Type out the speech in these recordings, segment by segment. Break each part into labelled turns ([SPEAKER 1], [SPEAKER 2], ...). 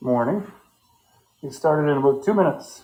[SPEAKER 1] Morning. Get started in about two minutes.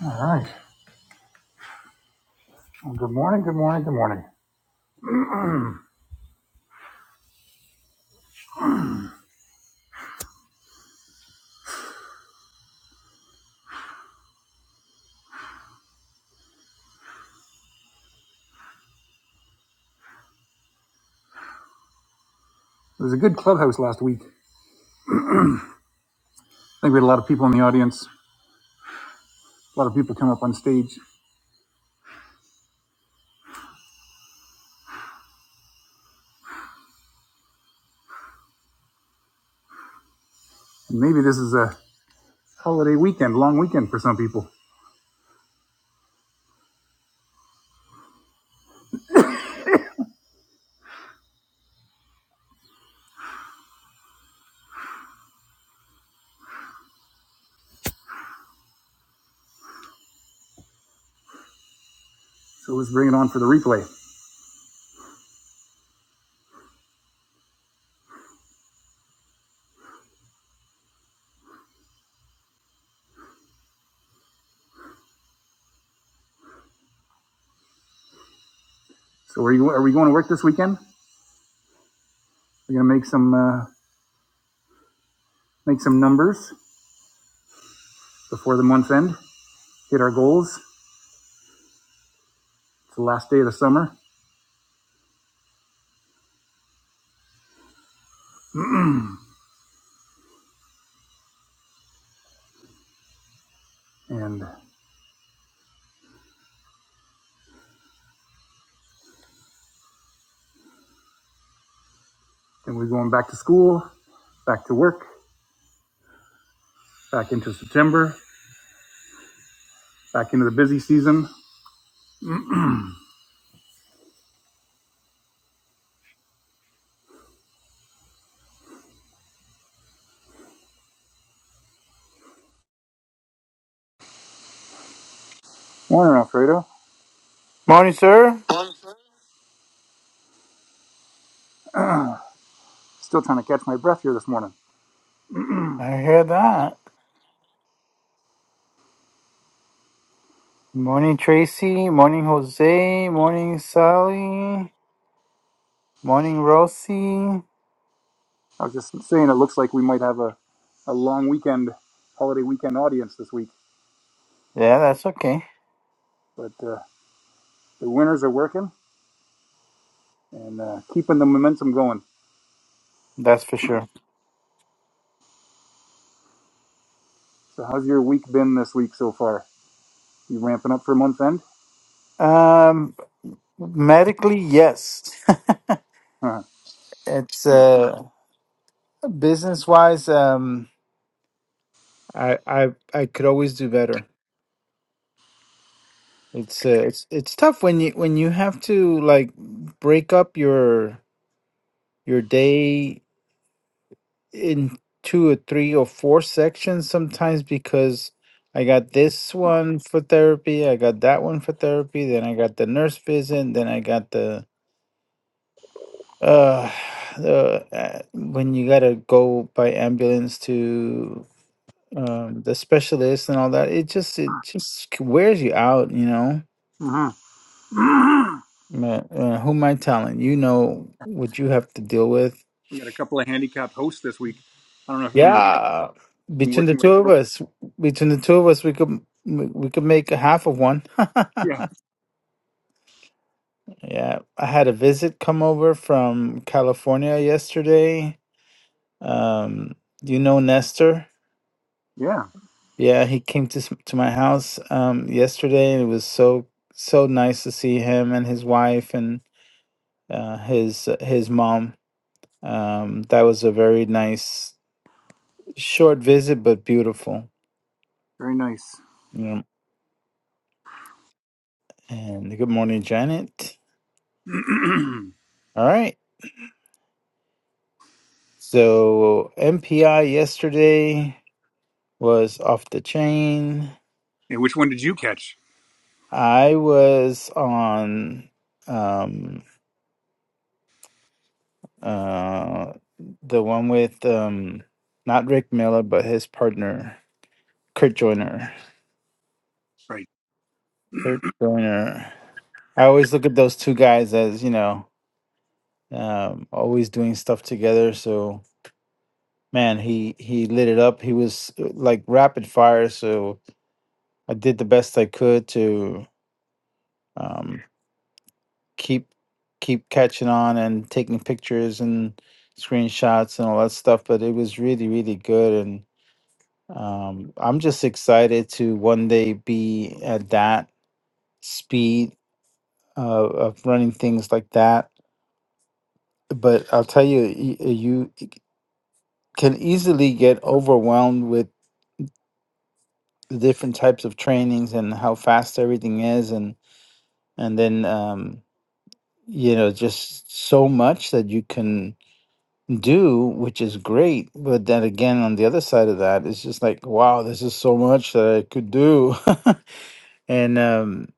[SPEAKER 1] All right. Well, good morning. Good morning. Good morning. It was a good clubhouse last week. I think we had a lot of people in the audience. A lot of people come up on stage. And maybe this is a holiday weekend, long weekend for some people. So let's bring it on for the replay. So are you? Are we going to work this weekend? We're going to make some uh, make some numbers before the month end. Hit our goals. It's the last day of the summer, and then we're going back to school, back to work, back into September, back into the busy season. Morning, Alfredo.
[SPEAKER 2] Morning, sir.
[SPEAKER 1] Still trying to catch my breath here this morning.
[SPEAKER 2] I hear that. Morning, Tracy. Morning, Jose. Morning, Sally. Morning, Rosie.
[SPEAKER 1] I was just saying it looks like we might have a, a long weekend, holiday weekend audience this week.
[SPEAKER 2] Yeah, that's okay.
[SPEAKER 1] But uh, the winners are working and uh, keeping the momentum going.
[SPEAKER 2] That's for sure.
[SPEAKER 1] So, how's your week been this week so far? You ramping up for month end?
[SPEAKER 2] Um, medically, yes.
[SPEAKER 1] Huh.
[SPEAKER 2] it's uh, business wise. Um, I I I could always do better. It's uh, it's it's tough when you when you have to like break up your your day in two or three or four sections sometimes because I got this one for therapy, I got that one for therapy, then I got the nurse visit, then I got the uh the uh, when you gotta go by ambulance to um the specialist and all that it just it just c- wears you out you know
[SPEAKER 1] hmm
[SPEAKER 2] Ma- uh, who am i telling you know what you have to deal with
[SPEAKER 1] we got a couple of handicapped hosts this week. I don't know if you even realize
[SPEAKER 2] Yeah,
[SPEAKER 1] I've been
[SPEAKER 2] between the
[SPEAKER 1] working with
[SPEAKER 2] two
[SPEAKER 1] a
[SPEAKER 2] of
[SPEAKER 1] pro.
[SPEAKER 2] us, between the two of us, we could we could make a half of one.
[SPEAKER 1] Yeah.
[SPEAKER 2] yeah, I had a visit come over from California yesterday. Um, you know Nestor?
[SPEAKER 1] Yeah.
[SPEAKER 2] Yeah, he came to s- to my house um yesterday, and it was so so nice to see him and his wife and uh, his his mom. Um, that was a very nice short visit, but beautiful.
[SPEAKER 1] Very nice.
[SPEAKER 2] You know, and good morning, Janet.
[SPEAKER 1] and
[SPEAKER 2] All right. So MPI yesterday was off the chain.
[SPEAKER 1] which one did you catch?
[SPEAKER 2] I was on um uh the one with um not Rick Miller but his partner Kurt Joyner.
[SPEAKER 1] Right.
[SPEAKER 2] Kurt Joyner. I always look at those two guys as, you know, um always doing stuff together. So man, he he lit it up. He was uh, like rapid fire, so I did the best I could to um keep keep catching on and taking pictures and screenshots and all that stuff but it was really really good and um, i'm just excited to one day be at that speed of, of running things like that but i'll tell you y- you can easily get overwhelmed with the different types of trainings and how fast everything is and and then um, you know just so much that you can do, which is great. But then again, on the other side of that, it's just like, wow, this is so much that I could do. and um,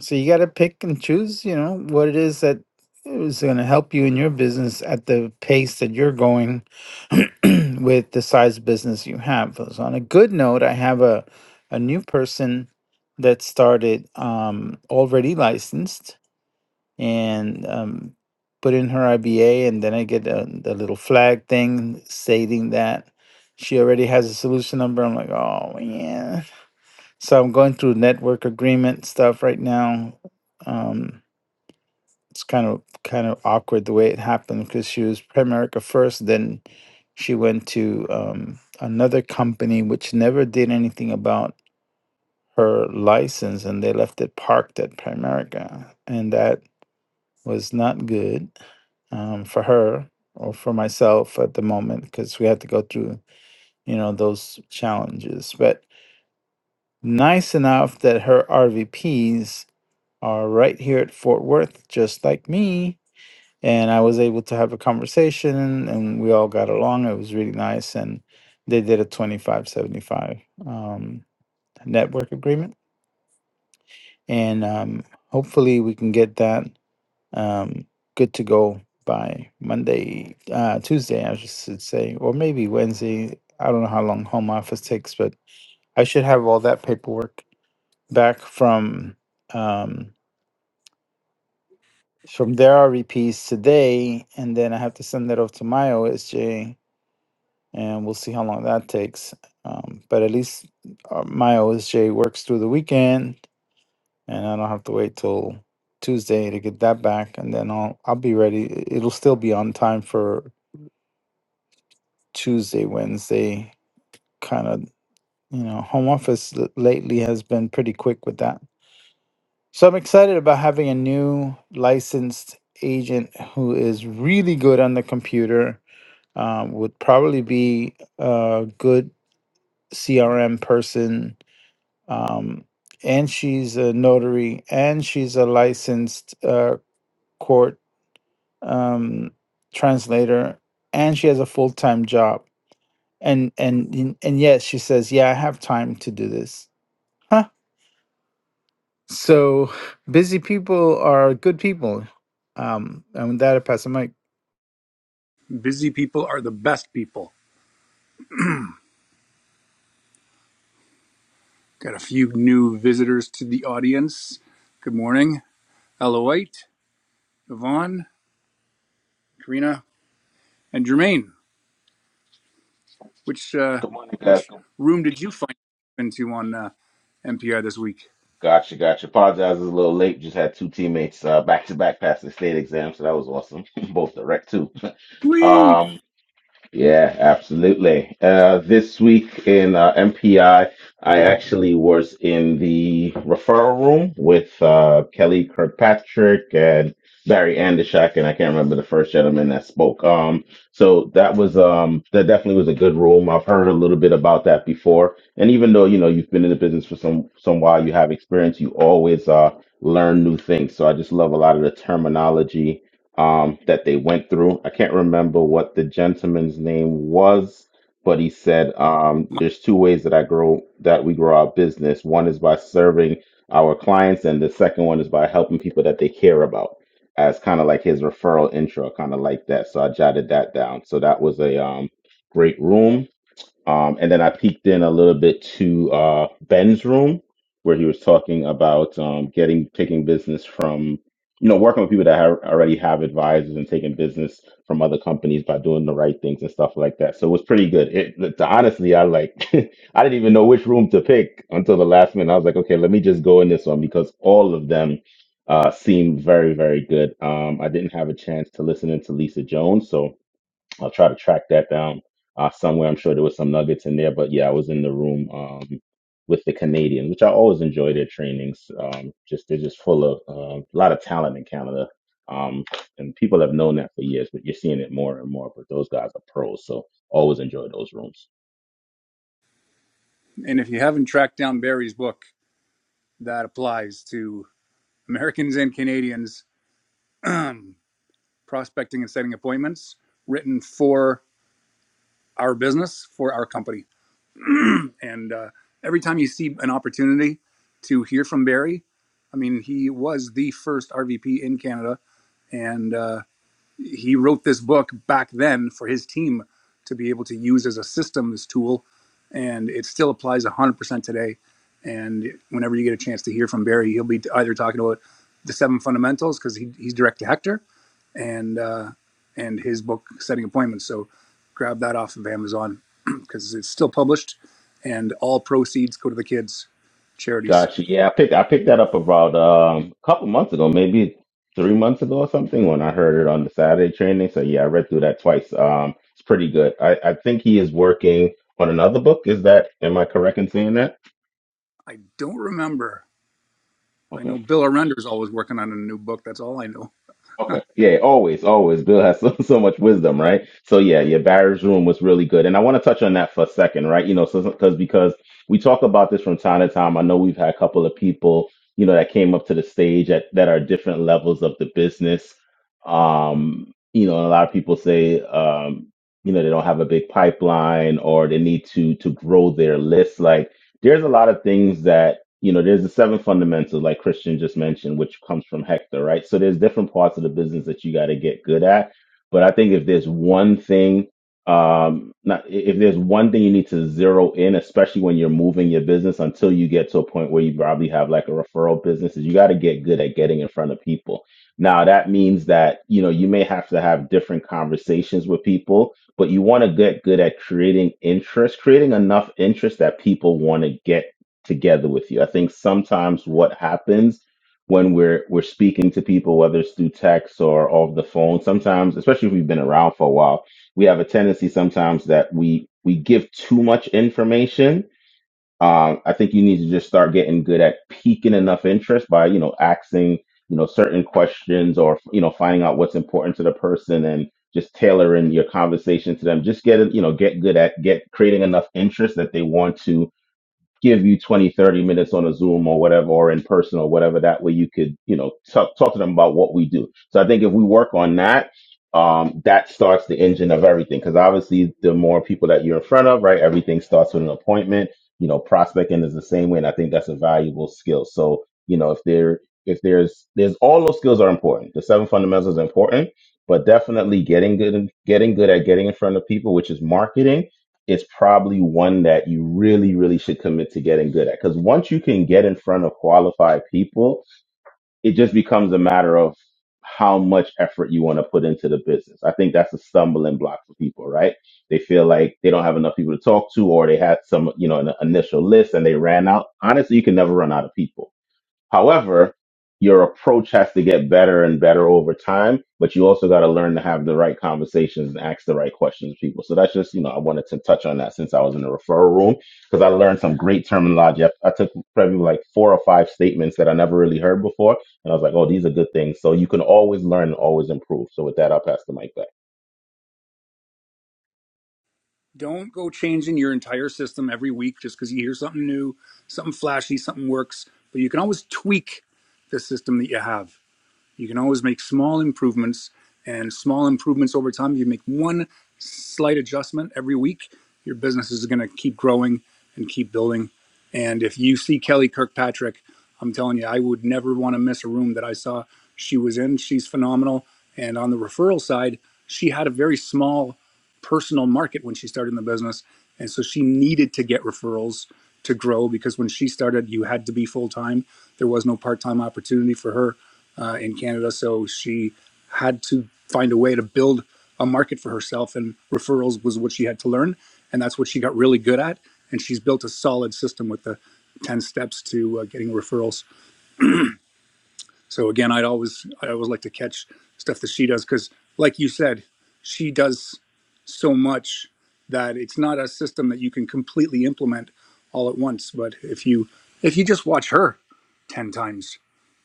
[SPEAKER 2] so you got to pick and choose, you know, what it is that is going to help you in your business at the pace that you're going with the size business you have. So on a good note, I have a, a new person that started um, already licensed and um, put in her IBA, and then I get a, the little flag thing stating that she already has a solution number. I'm like, oh yeah. So I'm going through network agreement stuff right now. Um, it's kind of kind of awkward the way it happened because she was Primerica first, then she went to um, another company which never did anything about her license, and they left it parked at Primerica, and that was not good um, for her or for myself at the moment because we had to go through you know those challenges but nice enough that her rvps are right here at fort worth just like me and i was able to have a conversation and we all got along it was really nice and they did a 2575 um, network agreement and um, hopefully we can get that um, good to go by Monday, uh, Tuesday, I just should say, or maybe Wednesday. I don't know how long home office takes, but I should have all that paperwork back from um, from their RVPs today, and then I have to send that off to my OSJ, and we'll see how long that takes. Um, but at least uh, my OSJ works through the weekend, and I don't have to wait till Tuesday to get that back, and then I'll I'll be ready. It'll still be on time for Tuesday, Wednesday kind of, you know, home office l- lately has been pretty quick with that. So I'm excited about having a new licensed agent who is really good on the computer, um, would probably be a good CRM person. Um, and she's a notary and she's a licensed uh, court um, translator and she has a full time job and and and and yet she says yeah i have time to do this huh so busy people are good people um and with that i pass the mic
[SPEAKER 1] Busy people are the best people. Got a few new visitors to the audience. Good morning, Ella White, Yvonne, Karina, and Jermaine. Which uh,
[SPEAKER 3] Good morning, guys.
[SPEAKER 1] which
[SPEAKER 3] Good-
[SPEAKER 1] room did you find into on uh, NPR this week?
[SPEAKER 3] Gotcha, gotcha. Apologize, I was a little late. Just had two teammates uh, back to back pass the state exam, so that was awesome. Both direct too.
[SPEAKER 1] Sweet.
[SPEAKER 3] Um, Yeah, absolutely. Uh, this week in uh, MPI, I I actually was in the referral room with uh, Kelly Kirkpatrick and Barry Andishak, and I can't remember the first gentleman that spoke. Um, so that was um, that definitely was a good room. I've heard a little bit about that before, and even though you know you've been in the business for some some while, you have experience, you always uh, learn new things. So I just love a lot of the terminology um, that they went through. I can't remember what the gentleman's name was, but he said um, there's two ways that I grow that we grow our business. One is by serving our clients, and the second one is by helping people that they care about. As kind of like his referral intro, kind of like that. So I jotted that down. So that was a um, great room. Um, and then I peeked in a little bit to uh, Ben's room where he was talking about um, getting taking business from you know working with people that have, already have advisors and taking business from other companies by doing the right things and stuff like that. So it was pretty good. It, to, honestly, I like I didn't even know which room to pick until the last minute. I was like, okay, let me just go in this one because all of them uh, seemed very very good. Um, I didn't have a chance to listen in to Lisa Jones, so I'll try to track that down uh, somewhere. I'm sure there was some nuggets in there, but yeah, I was in the room um, with the Canadians, which I always enjoy their trainings. Um, just they're just full of uh, a lot of talent in Canada, um, and people have known that for years, but you're seeing it more and more. But those guys are pros, so always enjoy those rooms.
[SPEAKER 1] And if you haven't tracked down Barry's book, that applies to Americans and Canadians prospecting and setting appointments, written for our business, for our company. And uh, every time you see an opportunity to hear from Barry, I mean, he was the first RVP in Canada, and uh, he wrote this book back then for his team to be able to use as a systems tool, and it still applies 100% today. And whenever you get a chance to hear from Barry, he'll be either talking about the seven fundamentals because he, he's direct to Hector, and uh, and his book Setting Appointments. So grab that off of Amazon because it's still published, and all proceeds go to the kids charities.
[SPEAKER 3] Gotcha. Yeah, I picked I picked that up about um, a couple months ago, maybe three months ago or something, when I heard it on the Saturday training. So yeah, I read through that twice. Um, it's pretty good. I, I think he is working on another book. Is that am I correct in saying that?
[SPEAKER 1] I don't remember. I
[SPEAKER 3] Okay.
[SPEAKER 1] know Bill Arender's always working on a new book. That's all I know.
[SPEAKER 3] Okay. Yeah, always, always. Bill has so, so much wisdom, right? So yeah, yeah, Barry's room was really good. And I want to touch on that for a second, right? You know, so because because we talk about this from time to time. I know we've had a couple of people, you know, that came up to the stage at that are different levels of the business. Um, you know, and a lot of people say um, you know, they don't have a big pipeline or they need to to grow their list. Like there's a lot of things that you know, there's the seven fundamentals, like Christian just mentioned, which comes from Hector, right? So there's different parts of the business that you got to get good at. But I think if there's one thing, um, not if there's one thing you need to zero in, especially when you're moving your business until you get to a point where you probably have like a referral business, is you got to get good at getting in front of people. Now that means that, you know, you may have to have different conversations with people, but you want to get good at creating interest, creating enough interest that people want to get together with you. I think sometimes what happens when we're we're speaking to people, whether it's through text or off the phone, sometimes, especially if we've been around for a while, we have a tendency sometimes that we we give too much information. Um, I think you need to just start getting good at piquing enough interest by you know asking you know certain questions or you know finding out what's important to the person and just tailoring your conversation to them. Just get it, you know get good at get creating enough interest that they want to give you 20, 30 minutes on a zoom or whatever or in person or whatever that way you could you know talk, talk to them about what we do so i think if we work on that um, that starts the engine of everything because obviously the more people that you're in front of right everything starts with an appointment you know prospecting is the same way and i think that's a valuable skill so you know if there if there's there's all those skills are important the seven fundamentals are important but definitely getting good getting good at getting in front of people which is marketing it's probably one that you really, really should commit to getting good at. Because once you can get in front of qualified people, it just becomes a matter of how much effort you want to put into the business. I think that's a stumbling block for people, right? They feel like they don't have enough people to talk to, or they had some, you know, an initial list and they ran out. Honestly, you can never run out of people However, your approach has to get better and better over time, but you also got to learn to have the right conversations and ask the right questions to people. So that's just, you know, I wanted to touch on that since I was in the referral room because I learned some great terminology. I, I took probably like four or five statements that I never really heard before. And I was like, oh, these are good things. So you can always learn and always improve. So with that, I'll pass the mic back.
[SPEAKER 1] Don't go changing your entire system every week just because you hear something new, something flashy, something works. But you can always tweak the system that you have You can always make small improvements, and small improvements over time. You make one slight adjustment every week, your business is going to keep growing and keep building. And if you see Kelly Kirkpatrick, I'm telling you, I would never want to miss a room that I saw she was in. She's phenomenal. And on the referral side, she had a very small personal market when she started in the business. And so she needed to get referrals to grow because when she started, you had to be full time. There was no part time opportunity for her uh, in Canada. So she had to find a way to build a market for herself, and referrals was what she had to learn. And that's what she got really good at. And she's built a solid system with the 10 steps to uh, getting referrals. So again, I'd always, I always like to catch stuff that she does because, like you said, she does so much that it's not a system that you can completely implement all at once. But if you if you just watch her ten times,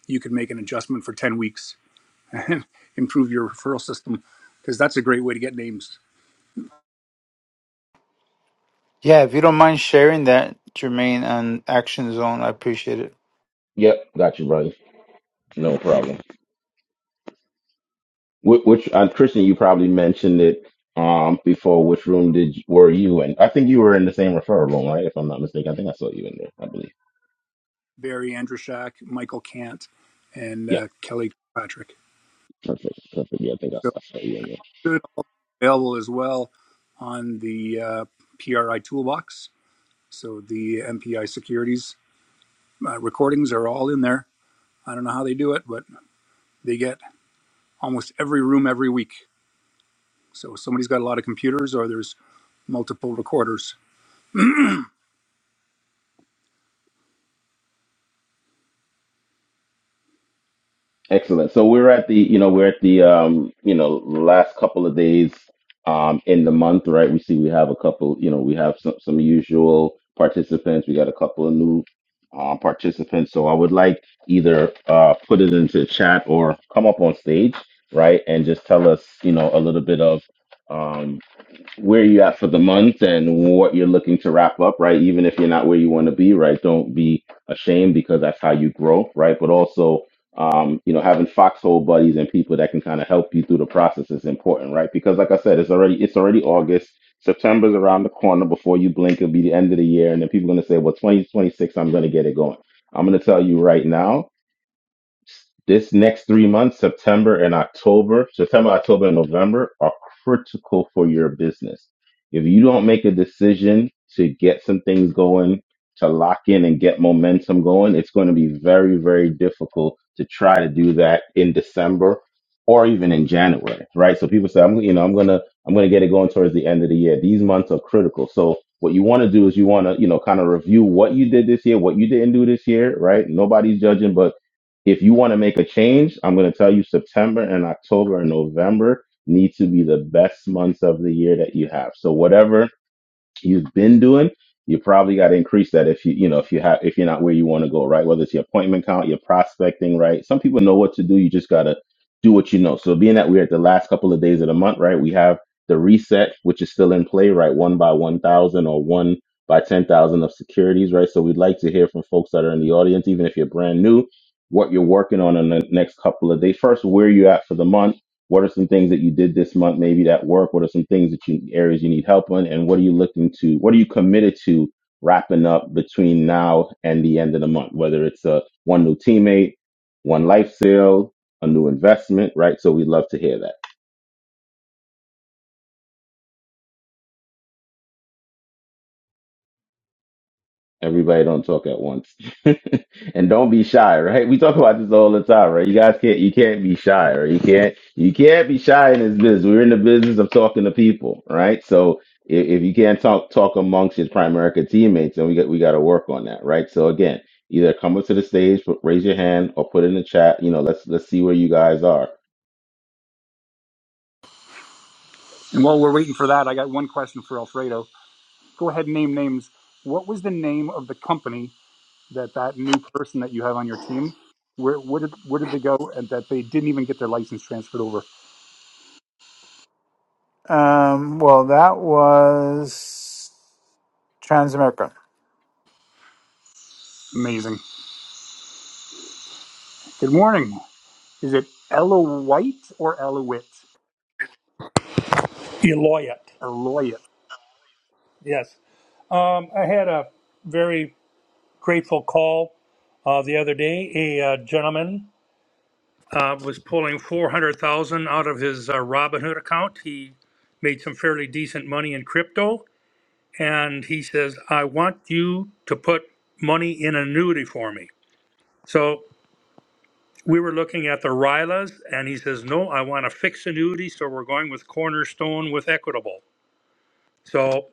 [SPEAKER 1] you can make an adjustment for ten weeks and improve your referral system because that's a great way to get names.
[SPEAKER 2] yeah if you don't mind sharing that jermaine on action zone i appreciate it
[SPEAKER 3] Yep. Got you, brother. No problem. Which, which uh, Christian, you probably mentioned it um, before. Which room did you, were you in? I think you were in the same referral room, right? If I'm not mistaken, I think I saw you in there. I believe.
[SPEAKER 1] Barry Andrushak, Michael Cant, and
[SPEAKER 3] Yep.
[SPEAKER 1] uh, Kelly Patrick.
[SPEAKER 3] Perfect. Perfect. Yeah, I think I
[SPEAKER 1] So
[SPEAKER 3] saw, I saw you in there.
[SPEAKER 1] good available as well on the uh, PRI toolbox. So the MPI securities uh, recordings are all in there. I don't know how they do it, but they get almost every room every week. So somebody's got a lot of computers or there's multiple recorders.
[SPEAKER 3] Excellent. So we're at the, you know, we're at the, um, you know, last couple of days um, in the month, right? We see we have a couple, you know, we have some, some usual participants. We got a couple of new uh, participants. So I would like either uh, put it into the chat or come up on stage, right, and just tell us, you know, a little bit of, um, where you at for the month and what you're looking to wrap up, right? Even if you're not where you want to be, right? Don't be ashamed because that's how you grow, right? But also, um, you know, having foxhole buddies and people that can kind of help you through the process is important, right? Because like I said, it's already it's already August. September's around the corner. Before you blink, it'll be the end of the year, and then people are gonna say, "Well, 2026, I'm gonna get it going." I'm gonna tell you right now. This next three months, September and October, September, October, and November are critical for your business. If you don't make a decision to get some things going, to lock in and get momentum going, it's going to be very, very difficult to try to do that in December or even in January, right? So people say, I'm, you know, I'm gonna, I'm gonna get it going towards the end of the year. These months are critical. So what you want to do is you want to, you know, kind of review what you did this year, what you didn't do this year, right? Nobody's judging, but if you want to make a change, I'm going to tell you September and October and November need to be the best months of the year that you have. So whatever you've been doing, you probably got to increase that if you you know if you have if you're not where you want to go, right? Whether it's your appointment count, your prospecting, right? Some people know what to do. You just gotta do what you know. So being that we're at the last couple of days of the month, right? We have the reset, which is still in play, right? One by one thousand or one by ten thousand of securities, right? So we'd like to hear from folks that are in the audience, even if you're brand new, what you're working on in the next couple of days. First, where you at for the month what are some things that you did this month, maybe that work? What are some things that you areas you need help on? And what are you looking to? What are you committed to wrapping up between now and the end of the month? Whether it's a one new teammate, one life sale, a new investment, right? So we'd love to hear that. Everybody don't talk at once. and don't be shy, right? We talk about this all the time, right? You guys can't you can't be shy, right? You can't you can't be shy in this business. We're in the business of talking to people, right? So if, if you can't talk talk amongst your Primerica teammates, then we got we gotta work on that, right? So again, either come up to the stage, put, raise your hand or put it in the chat. You know, let's let's see where you guys are.
[SPEAKER 1] And while we're waiting for that, I got one question for Alfredo. Go ahead and name names. What was the name of the company that that new person that you have on your team, where where did where did they go, and that they didn't even get their license transferred over?
[SPEAKER 2] um well that was transamerica
[SPEAKER 1] Amazing. Good morning. Is it Ella White or Ella Witt?
[SPEAKER 4] Eloyet.
[SPEAKER 1] Eloyet.
[SPEAKER 4] Yes. Um, I had a very grateful call uh, the other day. A uh, gentleman uh, was pulling 400000 out of his uh, Robinhood account. He made some fairly decent money in crypto. And he says, I want you to put money in an annuity for me. So we were looking at the RILAs, and he says, No, I want a fixed annuity. So we're going with Cornerstone with Equitable. So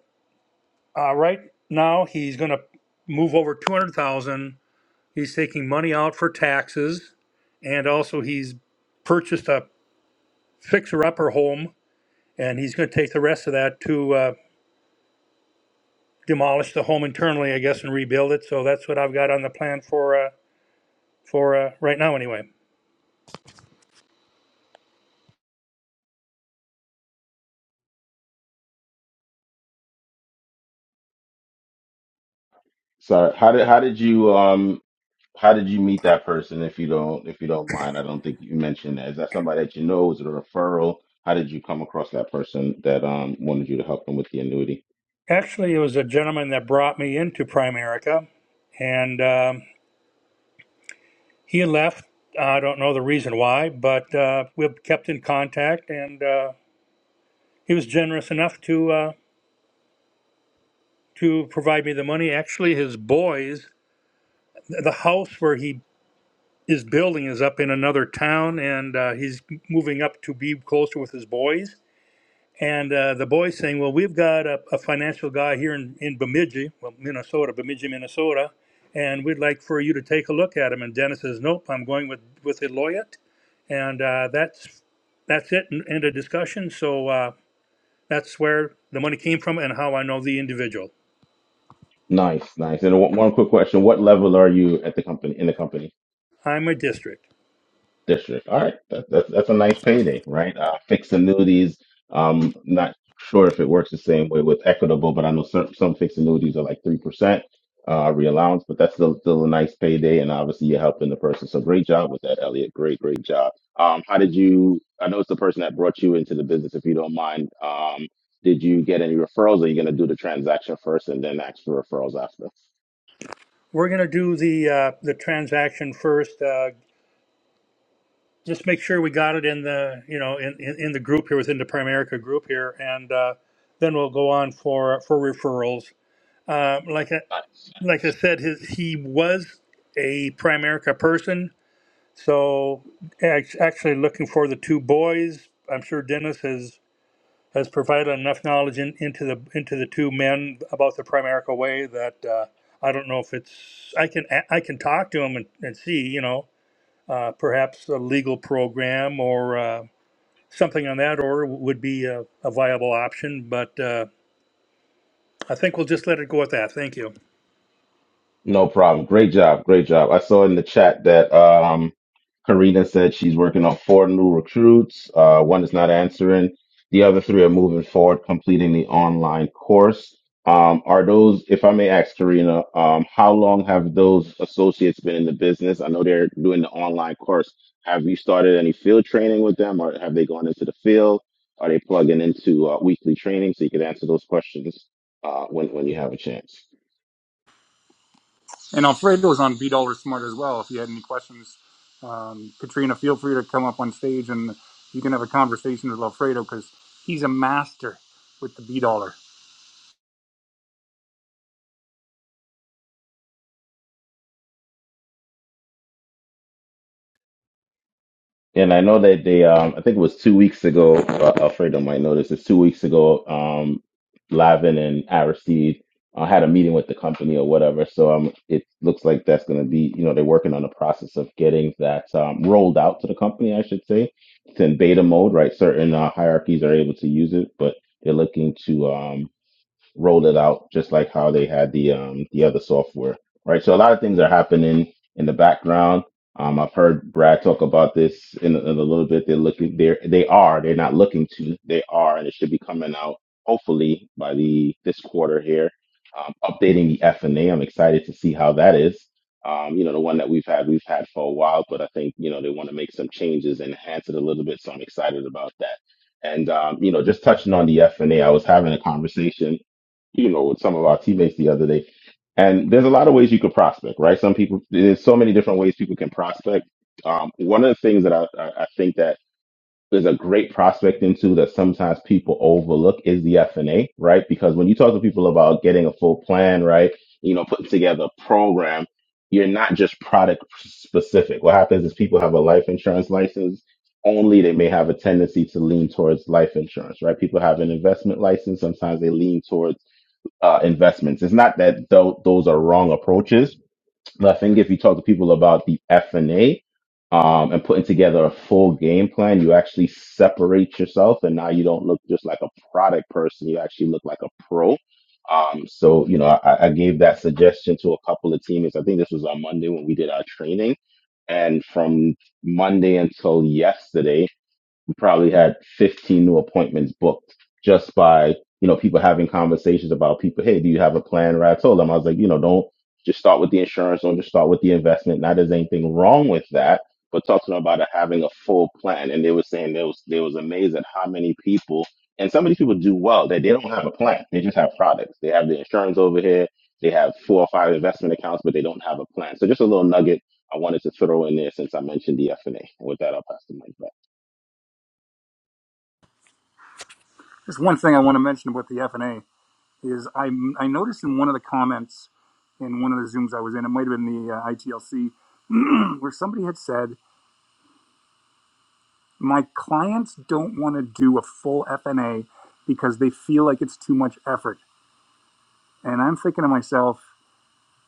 [SPEAKER 4] uh, right now, he's going to move over 200000 He's taking money out for taxes, and also he's purchased a fixer-upper home, and he's going to take the rest of that to uh, demolish the home internally, I guess, and rebuild it. So that's what I've got on the plan for uh, for uh, right now, anyway.
[SPEAKER 3] So how did how did you um How did you meet that person? If you don't, if you don't mind, I don't think you mentioned that. Is that somebody that you know? Is it a referral? How did you come across that person that um wanted you to help them with the annuity?
[SPEAKER 4] Actually, it was a gentleman that brought me into Primerica, and um, he left. I don't know the reason why, but uh, we kept in contact, and uh, he was generous enough to uh, to provide me the money. Actually, his boys the house where he is building is up in another town and uh, he's moving up to be closer with his boys and uh, the boys saying well we've got a, a financial guy here in, in bemidji well minnesota bemidji minnesota and we'd like for you to take a look at him and dennis says nope i'm going with with Eloyet. and uh, that's that's it and end of discussion so uh, that's where the money came from and how i know the individual
[SPEAKER 3] Nice, nice. And one, one quick question: What level are you at the company in the company?
[SPEAKER 4] i'm a district
[SPEAKER 3] district. All right, that, that's that's a nice payday, right? Uh, fixed annuities. Um, not sure if it works the same way with Equitable, but I know some some fixed annuities are like three percent uh, reallowance, but that's still still a nice payday, and obviously you're helping the person. So great job with that, Elliot. Great, great job. Um, how did you? I know it's the person that brought you into the business. If you don't mind, um, did you get any referrals? Or are you going to do the transaction first and then ask for referrals after?
[SPEAKER 4] we're going to do the uh, the transaction first. Uh, just make sure we got it in the you know in, in, in the group here within the Primerica group here, and uh, then we'll go on for for referrals. Uh, like I, like I said, his, he was a Primerica person, so act- actually looking for the two boys. I'm sure Dennis has has provided enough knowledge in, into the into the two men about the Primerica way that. Uh, I don't know if it's I can I can talk to him and, and see you know uh, perhaps a legal program or uh, something on that order would be a, a viable option, but uh, I think we'll just let it go at that. Thank you.
[SPEAKER 3] No problem. Great job. Great job. I saw in the chat that um, Karina said she's working on four new recruits. Uh, one is not answering. The other three are moving forward, completing the online course. Um, are those, if I may ask Karina, um, how long have those associates been in the business? I know they're doing the online course. Have you started any field training with them, or have they gone into the field? Are they plugging into uh, weekly training? So you can answer those questions uh, when when you have a chance.
[SPEAKER 1] And Alfredo's on B Dollar Smart as well. If you had any questions, um, Katrina, feel free to come up on stage and you can have a conversation with Alfredo because he's a master with the B Dollar.
[SPEAKER 3] And I know that they, um, I think it was two weeks ago, uh, Alfredo might know this, it's two weeks ago, um, Lavin and Aristide uh, had a meeting with the company or whatever. So um, it looks like that's going to be, you know, they're working on the process of getting that um, rolled out to the company, I should say. It's in beta mode, right? Certain uh, hierarchies are able to use it, but they're looking to um, roll it out just like how they had the um the other software, right? So a lot of things are happening in the background. Um, I've heard Brad talk about this in, a- in a little bit. They're looking, they're they are, they're not looking to, they are, and it should be coming out hopefully by the this quarter here. Um, updating the F and A. I'm excited to see how that is. Um, you know, the one that we've had, we've had for a while, but I think you know they want to make some changes, and enhance it a little bit. So I'm excited about that. And um, you know, just touching on the F and A, I was having a conversation you know, with some of our teammates the other day. And there's a lot of ways you could prospect, right? Some people, there's so many different ways people can prospect. Um, one of the things that I, I I think that is a great prospect into that sometimes people overlook is the F and A, right? Because when you talk to people about getting a full plan, right, you know, putting together a program, you're not just product specific. What happens is people have a life insurance license only they may have a tendency to lean towards life insurance, right? People have an investment license. Sometimes they lean towards uh, investments. It's not that tho- those are wrong approaches, but I think if you talk to people about the F and A um, and putting together a full game plan, you actually separate yourself, and now you don't look just like a product person. You actually look like a pro. Um, so you know, I, I gave that suggestion to a couple of teammates. I think this was on Monday when we did our training, and from Monday until yesterday we probably had 15 new appointments booked just by you know people having conversations about people hey do you have a plan right i told them i was like you know don't just start with the insurance don't just start with the investment not that there's anything wrong with that but talk to them about having a full plan and they were saying they was they was amazed at how many people and some of these people do well that they don't have a plan they just have products they have the insurance over here they have four or five investment accounts but they don't have a plan so just a little nugget i wanted to throw in there since i mentioned the f&a and A. And with that i'll pass the mic back
[SPEAKER 1] Just one thing I want to mention about the FNA is I I noticed in one of the comments in one of the zooms I was in, it might have been the uh, ITLC where somebody had said, My clients don't want to do a full FNA because they feel like it's too much effort. And I'm thinking to myself,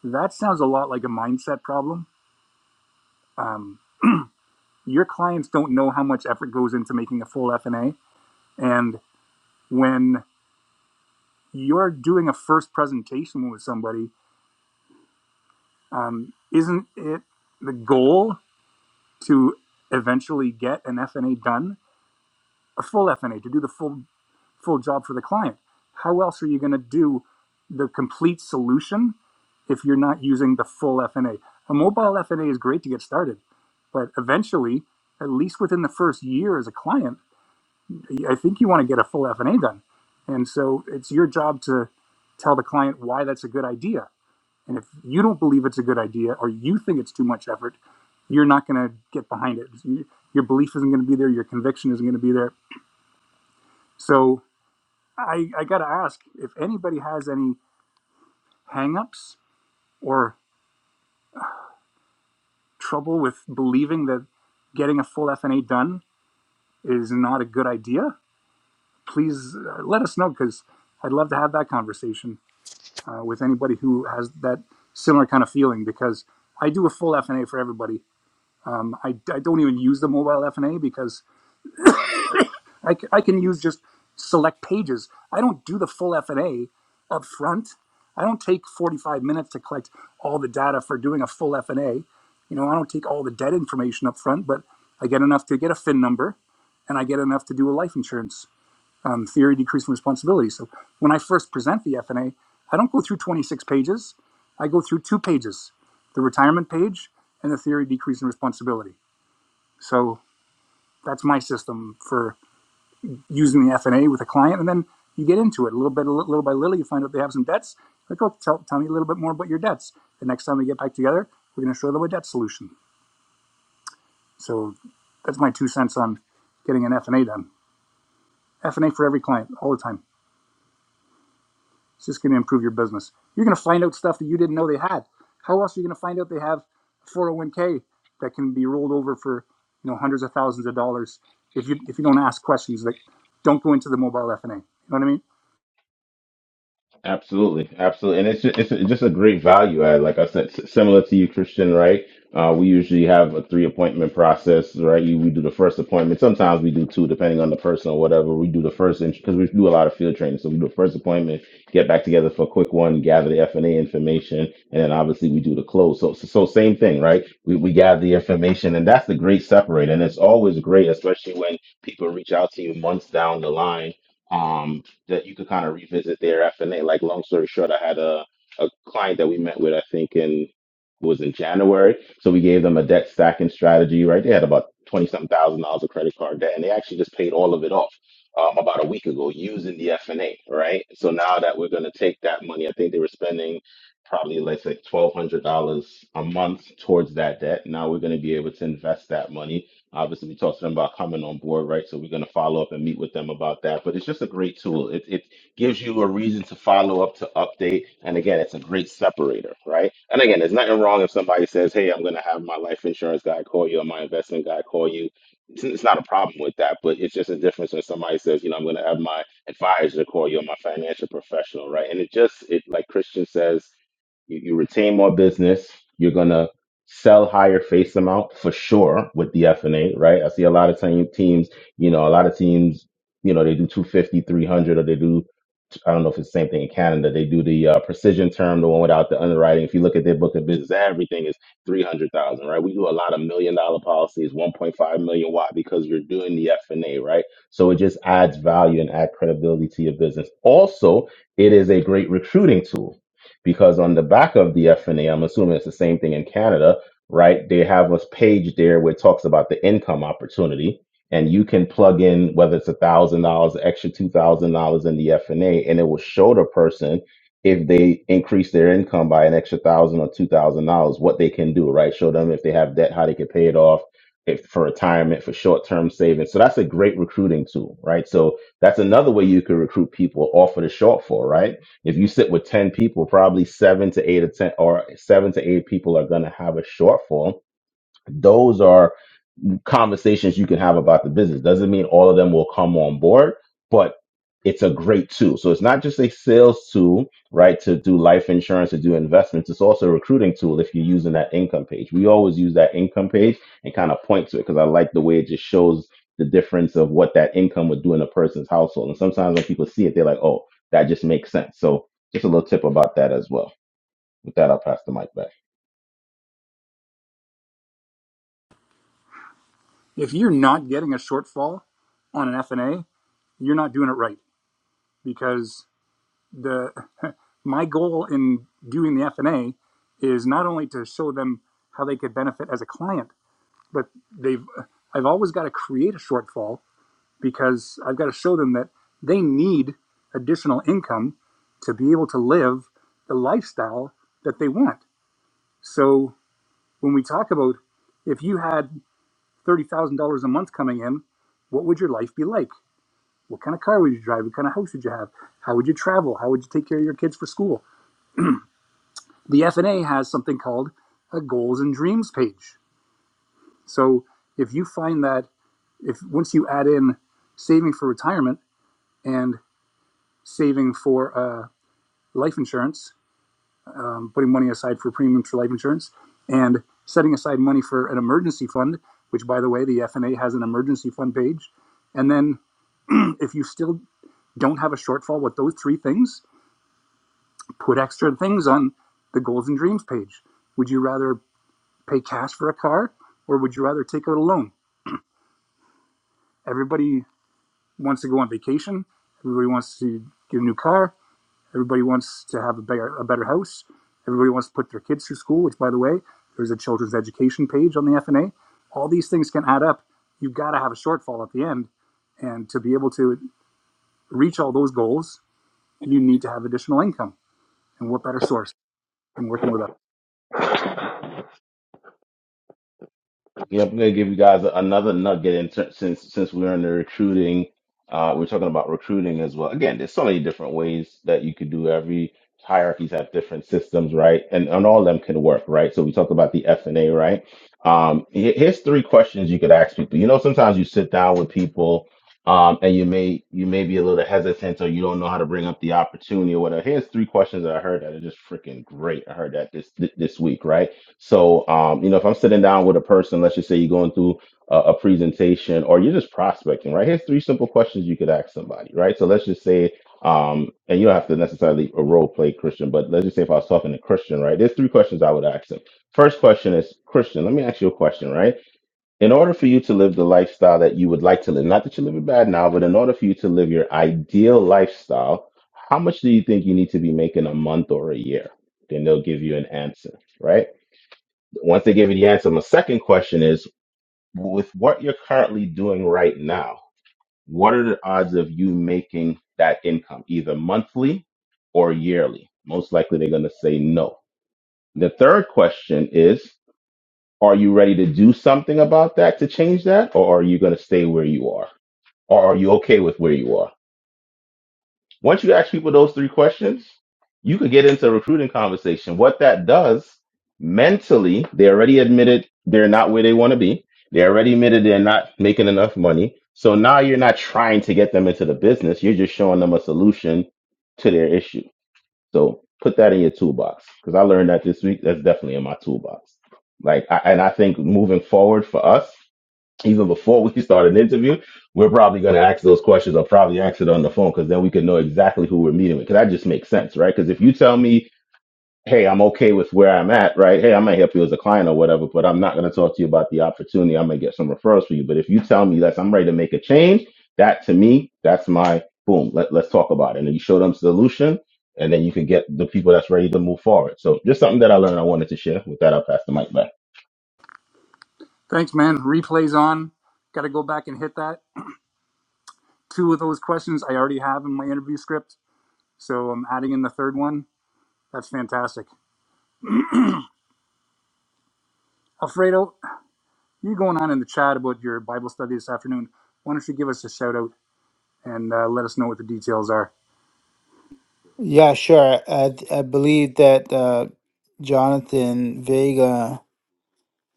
[SPEAKER 1] that sounds a lot like a mindset problem. Um, your clients don't know how much effort goes into making a full FNA. And when you're doing a first presentation with somebody, um, isn't it the goal to eventually get an FNA done? A full FNA, to do the full full job for the client. How else are you going to do the complete solution if you're not using the full FNA? A A mobile FNA is great to get started, but eventually, at least within the first year as a client, I think you want to get a full FNA done. And so it's your job to tell the client why that's a good idea. And if you don't believe it's a good idea or you think it's too much effort, you're not going to get behind it. Your belief isn't going to be there, your conviction isn't going to be there. So I, I got to ask if anybody has any hangups or trouble with believing that getting a full FNA done is not a good idea. Please uh, let us know because I'd love to have that conversation uh, with anybody who has that similar kind of feeling because I do a full FNA for everybody. Um, I, I don't even use the mobile FNA because I, c- I can use just select pages. I don't do the full F&A up front. I don't take 45 minutes to collect all the data for doing a full F&A. You know, I don't take all the debt information up front, but I get enough to get a FIN number and I get enough to do a life insurance um, theory decreasing responsibility. So when I first present the F&A, I don't go through 26 pages. I go through two pages, the retirement page and the theory decreasing responsibility. So that's my system for using the F&A with a client, and then you get into it a little bit, little by little. You find out they have some debts. Like, oh, tell, tell me a little bit more about your debts. The next time we get back together, we're going to show them a debt solution. So that's my two cents on getting an F&A done. F&A for every client all the time. It's just going to improve your business. You're going to find out stuff that you didn't know they had. How else are you going to find out they have a 401k that can be rolled over for you know hundreds of thousands of dollars if you if you don't ask questions that don't go into the mobile F&A. You know what I mean?
[SPEAKER 3] Absolutely, absolutely, and it's just, it's just a great value add. Like I said, s- similar to you, Christian, right? Uh, we usually have a three appointment process, right? You, we do the first appointment. Sometimes we do two, depending on the person or whatever. We do the first because we do a lot of field training, so we do the first appointment, get back together for a quick one, gather the F and A information, and then obviously we do the close. So, so, so same thing, right? We we gather the information, and that's the great separator, and it's always great, especially when people reach out to you months down the line Um, that you could kind of revisit there after Nate. Like, long story short, I had a, a client that we met with, I think, in was in January. So we gave them a debt stacking strategy, right? They had about twenty something thousand dollars of credit card debt, and they actually just paid all of it off um, about a week ago using the FNA, right? So now that we're going to take that money, I think they were spending probably let's say twelve hundred dollars a month towards that debt. Now we're going to be able to invest that money Obviously, we talked to them about coming on board, right? So we're going to follow up and meet with them about that. But it's just a great tool. It, it gives you a reason to follow up, to update. And again, it's a great separator, right? And again, there's nothing wrong if somebody says, hey, I'm going to have my life insurance guy call you or my investment guy call you. It's, it's not a problem with that, but it's just a difference when somebody says, you know, I'm going to have my advisor call you or my financial professional, right? And it just, it like Christian says, you, you retain more business. You're gonna sell higher face amount for sure with the FNA, right? I see a lot of team, teams, you know, a lot of teams, you know, they do 250, 300, or they do, I don't know if it's the same thing in Canada. They do the uh, precision term, the one without the underwriting. If you look at their book of business, everything is 300,000, right? We do a lot of million dollar policies, 1.5 million. Why? Because you're doing the FNA, right? So it just adds value and add credibility to your business. Also, it is a great recruiting tool because on the back of the FNA, I'm assuming it's the same thing in Canada, right? They have a page there where it talks about the income opportunity, and you can plug in whether it's a thousand dollars, extra two thousand dollars in the FNA, and it will show the person if they increase their income by an extra thousand or two thousand dollars, what they can do, right? Show them if they have debt, how they can pay it off. If for retirement, for short term savings. So that's a great recruiting tool, right? So that's another way you could recruit people off of the shortfall, right? If you sit with 10 people, probably seven to eight or 10 or seven to eight people are going to have a shortfall. Those are conversations you can have about the business. Doesn't mean all of them will come on board, but it's a great tool. So it's not just a sales tool, right? To do life insurance, to do investments. It's also a recruiting tool if you're using that income page. We always use that income page and kind of point to it because I like the way it just shows the difference of what that income would do in a person's household. And sometimes when people see it, they're like, oh, that just makes sense. So just a little tip about that as well. With that, I'll pass the mic back.
[SPEAKER 1] If you're not getting a shortfall on an FNA, you're not doing it right because the my goal in doing the FNA is not only to show them how they could benefit as a client, but they've I've always got to create a shortfall because I've got to show them that they need additional income to be able to live the lifestyle that they want. So when we talk about if you had thirty thousand dollars a month coming in, what would your life be like? What kind of car would you drive? What kind of house would you have? How would you travel? How would you take care of your kids for school? The FNA has something called a goals and dreams page. So if you find that if once you add in saving for retirement and saving for uh, life insurance, um, putting money aside for premiums for life insurance, and setting aside money for an emergency fund, which by the way, the FNA has an emergency fund page. And then if you still don't have a shortfall with those three things, put extra things on the goals and dreams page. Would you rather pay cash for a car or would you rather take out a loan? Everybody wants to go on vacation. Everybody wants to get a new car. Everybody wants to have a better, a better house. Everybody wants to put their kids through school, which, by the way, there's a children's education page on the FNA. All these things can add up. You've got to have a shortfall at the end. And to be able to reach all those goals, you need to have additional income. And what better source than working with us?
[SPEAKER 3] Yeah, I'm gonna give you guys another nugget in ter- since since we're in the recruiting, uh, we're talking about recruiting as well. Again, there's so many different ways that you could do. Every hierarchies have different systems, right? And and all of them can work, right? So we talked about the F and A, right? Um, he- here's three questions you could ask people. You know, sometimes you sit down with people, um, and you may you may be a little hesitant or you don't know how to bring up the opportunity or whatever. Here's three questions that I heard that are just freaking great. I heard that this this week, right? So, um, you know, if I'm sitting down with a person, let's just say you're going through a, a presentation or you're just prospecting, right? Here's three simple questions you could ask somebody, right? So let's just say, um, and you don't have to necessarily a role play Christian, but let's just say if I was talking to Christian, right? There's three questions I would ask him. First question is, Christian, let me ask you a question, right? In order for you to live the lifestyle that you would like to live, not that you live it bad now, but in order for you to live your ideal lifestyle, how much do you think you need to be making a month or a year? Then they'll give you an answer, right? Once they give you the answer, my second question is with what you're currently doing right now, what are the odds of you making that income, either monthly or yearly? Most likely they're going to say no. The third question is Are you ready to do something about that to change that, or are you going to stay where you are? Or are you okay with where you are? Once you ask people those three questions, you could get into a recruiting conversation. What that does mentally, they already admitted they're not where they want to be. They already admitted they're not making enough money. So now you're not trying to get them into the business. You're just showing them a solution to their issue. So put that in your toolbox because I learned that this week. That's definitely in my toolbox. Like, I, and I think moving forward for us, even before we start an interview, we're probably going to ask those questions or probably ask it on the phone because then we can know exactly who we're meeting with. Because that just makes sense, right? Because if you tell me, hey, I'm okay with where I'm at, right? Hey, I might help you as a client or whatever, but I'm not going to talk to you about the opportunity. I might get some referrals for you. But if you tell me that I'm ready to make a change, that to me, that's my boom. Let, let's talk about it. And then you show them solution and then you can get the people that's ready to move forward. So just something that I learned I wanted to share. With that, I'll pass the mic back.
[SPEAKER 1] Thanks, man. Replays on. Got to go back and hit that. Two of those questions I already have in my interview script, so I'm adding in the third one. That's fantastic. Alfredo, you going on in the chat about your Bible study this afternoon. Why don't you give us a shout out and uh, let us know what the details are?
[SPEAKER 2] yeah sure i, I believe that uh jonathan vega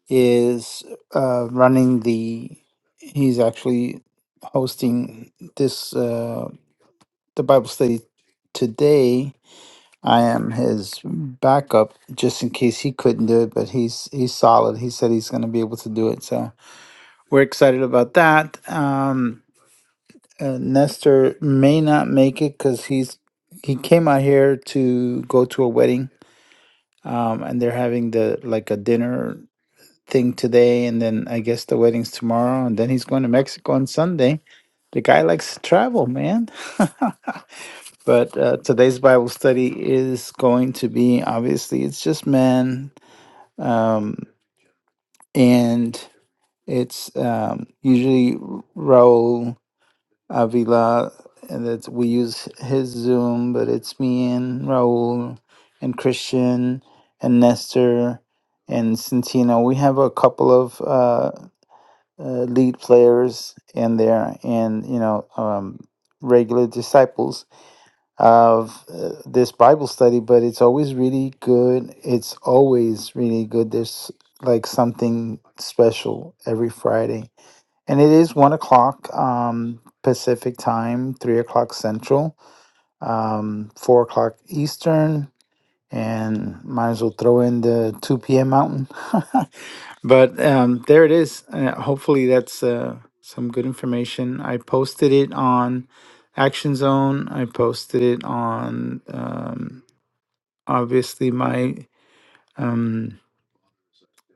[SPEAKER 2] is uh, running the he's actually hosting this uh, the bible study today i am his backup just in case he couldn't do it but he's he's solid he said he's going to be able to do it so we're excited about that um uh, nestor may not make it because he's he came out here to go to a wedding um and they're having the like a dinner thing today, and then I guess the wedding's tomorrow, and then he's going to Mexico on Sunday. The guy likes to travel, man. but uh, today's Bible study is going to be obviously it's just men, um, and it's um, usually Raul Avila, and that we use his Zoom, but it's me and Raul and Christian and Nestor and Centino. We have a couple of. uh, uh, lead players in there and you know um, regular disciples of uh, this bible study but it's always really good it's always really good there's like something special every friday and it is one o'clock um, pacific time three o'clock central um, four o'clock eastern and might as well throw in the 2 p.m. mountain. but um, there it is. Uh, hopefully, that's uh, some good information. I posted it on Action Zone. I posted it on um, obviously my um,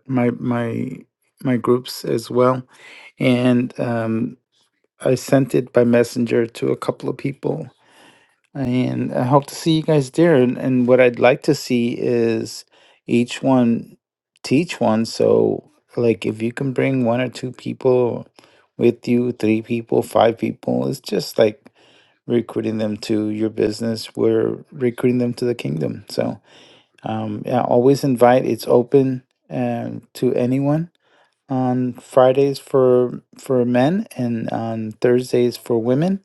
[SPEAKER 2] my my my groups as well, and um, I sent it by messenger to a couple of people And I hope to see you guys there. And, and what I'd like to see is each one teach one. So, like, if you can bring one or two people with you, three people, five people, it's just like recruiting them to your business. We're recruiting them to the kingdom. So, um, yeah, always invite. It's open um, to anyone on Fridays for for men and on Thursdays for women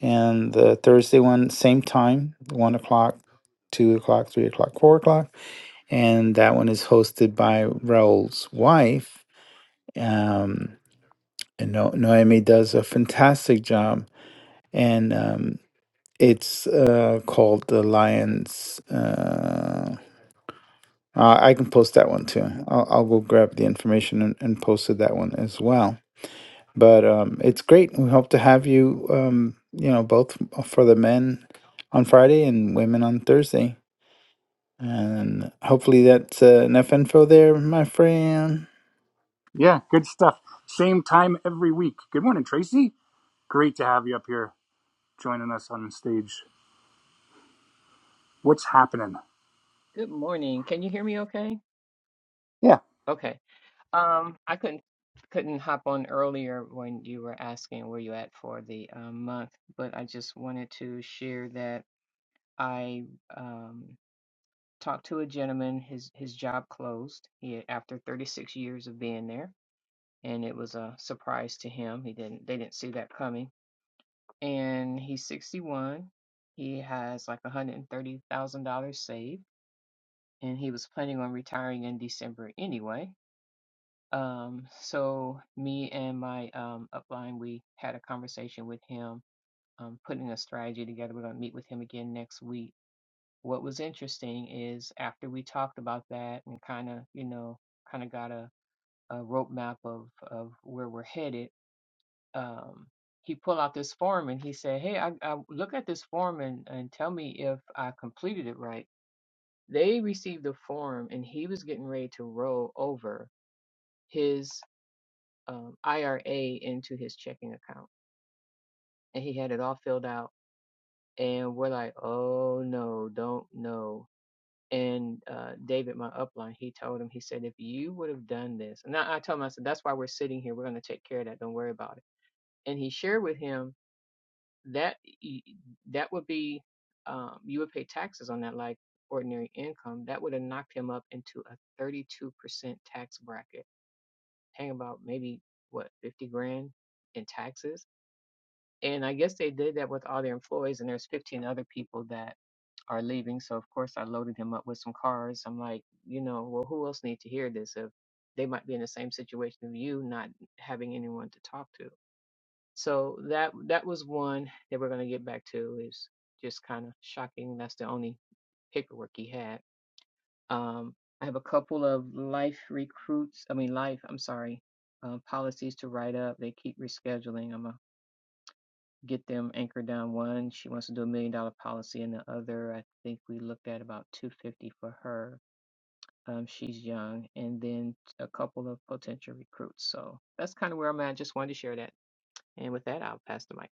[SPEAKER 2] and the Thursday one, same time, one o'clock, two o'clock, three o'clock, four o'clock, and that one is hosted by Raul's wife. Um, and no- Noemi does a fantastic job, and um, it's uh, called the Lions. Uh, I I can post that one too. I'll, I'll go grab the information and, and post it that one as well But um, it's great. We hope to have you, um, you know, both for the men on Friday and women on Thursday. And hopefully that's uh, enough info there, my friend.
[SPEAKER 1] Yeah, good stuff. Same time every week. Good morning, Tracy. Great to have you up here joining us on stage. What's happening?
[SPEAKER 5] Good morning. Can you hear me okay?
[SPEAKER 1] Yeah,
[SPEAKER 5] Okay. Um, I couldn't couldn't hop on earlier when you were asking where you at for the um, month, but I just wanted to share that I um, talked to a gentleman. His his job closed. He had, after 36 years of being there, and it was a surprise to him. He didn't they didn't see that coming. And he's 61. He has like $130,000 saved, and he was planning on retiring in December anyway Um, so me and my um, upline, we had a conversation with him, um, putting a strategy together. We're going to meet with him again next week. What was interesting is after we talked about that and kind of, you know, kind of got a, a roadmap of of where we're headed. Um, he pulled out this form and he said, "Hey, I, I look at this form and, and tell me if I completed it right." They received the form and he was getting ready to roll over. his. um, IRA into his checking account, and he had it all filled out. And we're like, oh no, don't know." And uh, David, my upline, he told him, he said, if you would have done this, and I, I told him, I said, that's why we're sitting here. We're going to take care of that. Don't worry about it. And he shared with him that y- that would be, um, you would pay taxes on that like ordinary income. That would have knocked him up into a 32% tax bracket, paying about maybe what 50 grand in taxes And I guess they did that with all their employees, and there's 15 other people that are leaving. So of course I loaded him up with some cars. I'm like, you know, well, who else need to hear this? If they might be in the same situation of you, not having anyone to talk to. So that that was one that we're gonna get back to. Is just kind of shocking. That's the only paperwork he had. Um, I have a couple of life recruits. I mean, life. I'm sorry. Um, policies to write up. They keep rescheduling. I'm a get them anchored down. One, she wants to do a million dollar policy, and the other, I think we looked at about 250 for her. Um, she's young, and then a couple of potential recruits. So that's kind of where I'm at. Just wanted to share that. And with that, I'll pass the mic.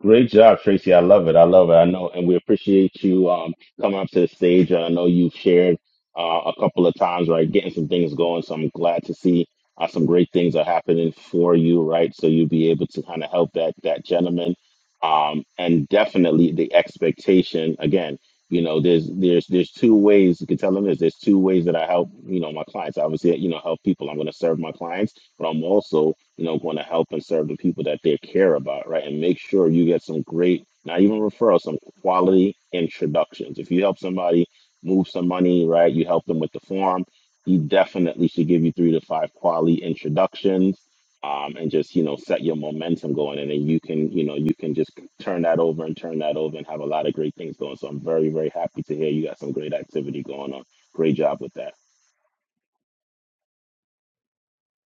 [SPEAKER 3] Great job, Tracy. I love it. I love it. I know, and we appreciate you um, coming up to the stage. And I know you've shared uh, a couple of times, right? Getting some things going. So I'm glad to see uh, some great things are happening for you, right? So you'll be able to kind of help that that gentleman, um, and definitely the expectation. Again, you know, there's there's there's two ways you can tell them this. There's two ways that I help, you know, my clients. Obviously, you know, help people. I'm going to serve my clients but I'm also, you know, going to help and serve the people that they care about, right? And make sure you get some great, not even referrals, some quality introductions. If you help somebody move some money, right? You help them with the form. He definitely should give you three to five quality introductions, um, and just you know set your momentum going, and then you can you know you can just turn that over and turn that over and have a lot of great things going. So I'm very very happy to hear you got some great activity going on. Great job with that.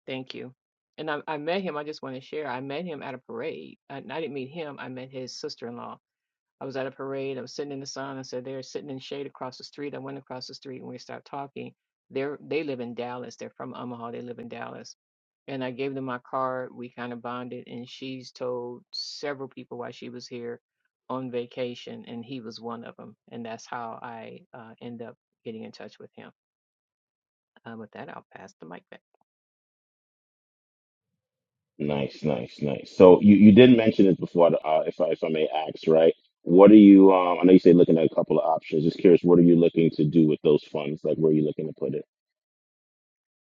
[SPEAKER 5] Thank you. And I, I met him. I just want to share. I met him at a parade. I, I didn't meet him. I met his sister-in-law I was at a parade. I was sitting in the sun. I said they're sitting in shade across the street. I went across the street and we started talking. They're they live in Dallas. They're from Omaha. They live in Dallas. And I gave them my card. We kind of bonded, and she's told several people why she was here on vacation, and he was one of them. And that's how I uh, end up getting in touch with him. Uh, with that, I'll pass the mic back.
[SPEAKER 3] Nice, nice, nice. So you, you did mention it before, uh, if I, if I may ask, right? What are you, um, I know you say looking at a couple of options. Just curious, what are you looking to do with those funds? Like, where are you looking to put it?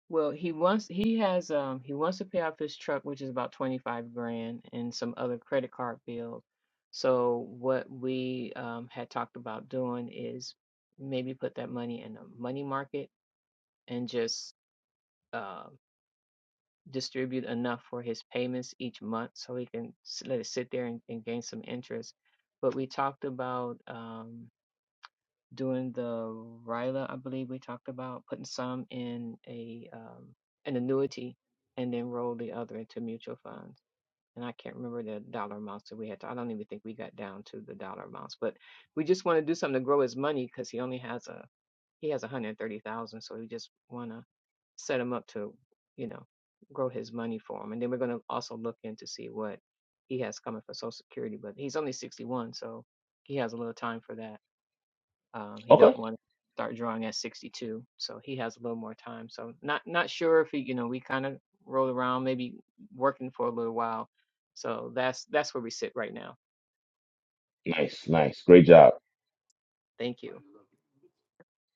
[SPEAKER 5] Well, he wants he has um he wants to pay off his truck, which is about 25 grand, and some other credit card bills. So what we um had talked about doing is maybe put that money in a money market and just uh, distribute enough for his payments each month so he can s- let it sit there and, and gain some interest. But we talked about um doing the RILA, I believe we talked about, putting some in a um, an annuity and then roll the other into mutual funds. And I can't remember the dollar amounts that we had. To, I don't even think we got down to the dollar amounts, but we just want to do something to grow his money because he only has a he has 130,000, so we just want to set him up to, you know, grow his money for him. And then we're going to also look into see what he has coming for Social Security, but he's only 61, so he has a little time for that um, he
[SPEAKER 3] Okay.
[SPEAKER 5] don't want to start drawing at 62, so he has a little more time. So not not sure if he, you know, we kind of rolled around, maybe working for a little while. So that's that's where we sit right now.
[SPEAKER 3] Nice, nice. Great job.
[SPEAKER 5] Thank you.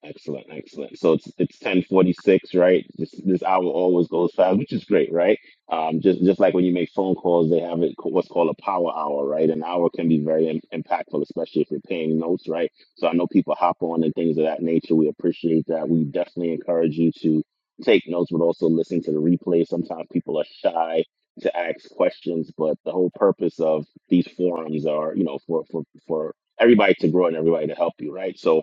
[SPEAKER 3] Excellent, excellent. So it's it's ten forty six, right? This this hour always goes fast, which is great, right? Um, just just like when you make phone calls, they have it co- what's called a power hour, right? An hour can be very im impactful, especially if you're paying notes, right? So I know people hop on and things of that nature. We appreciate that. We definitely encourage you to take notes, but also listen to the replay. Sometimes people are shy to ask questions, but the whole purpose of these forums are, you know, for for for everybody to grow and everybody to help you, right? So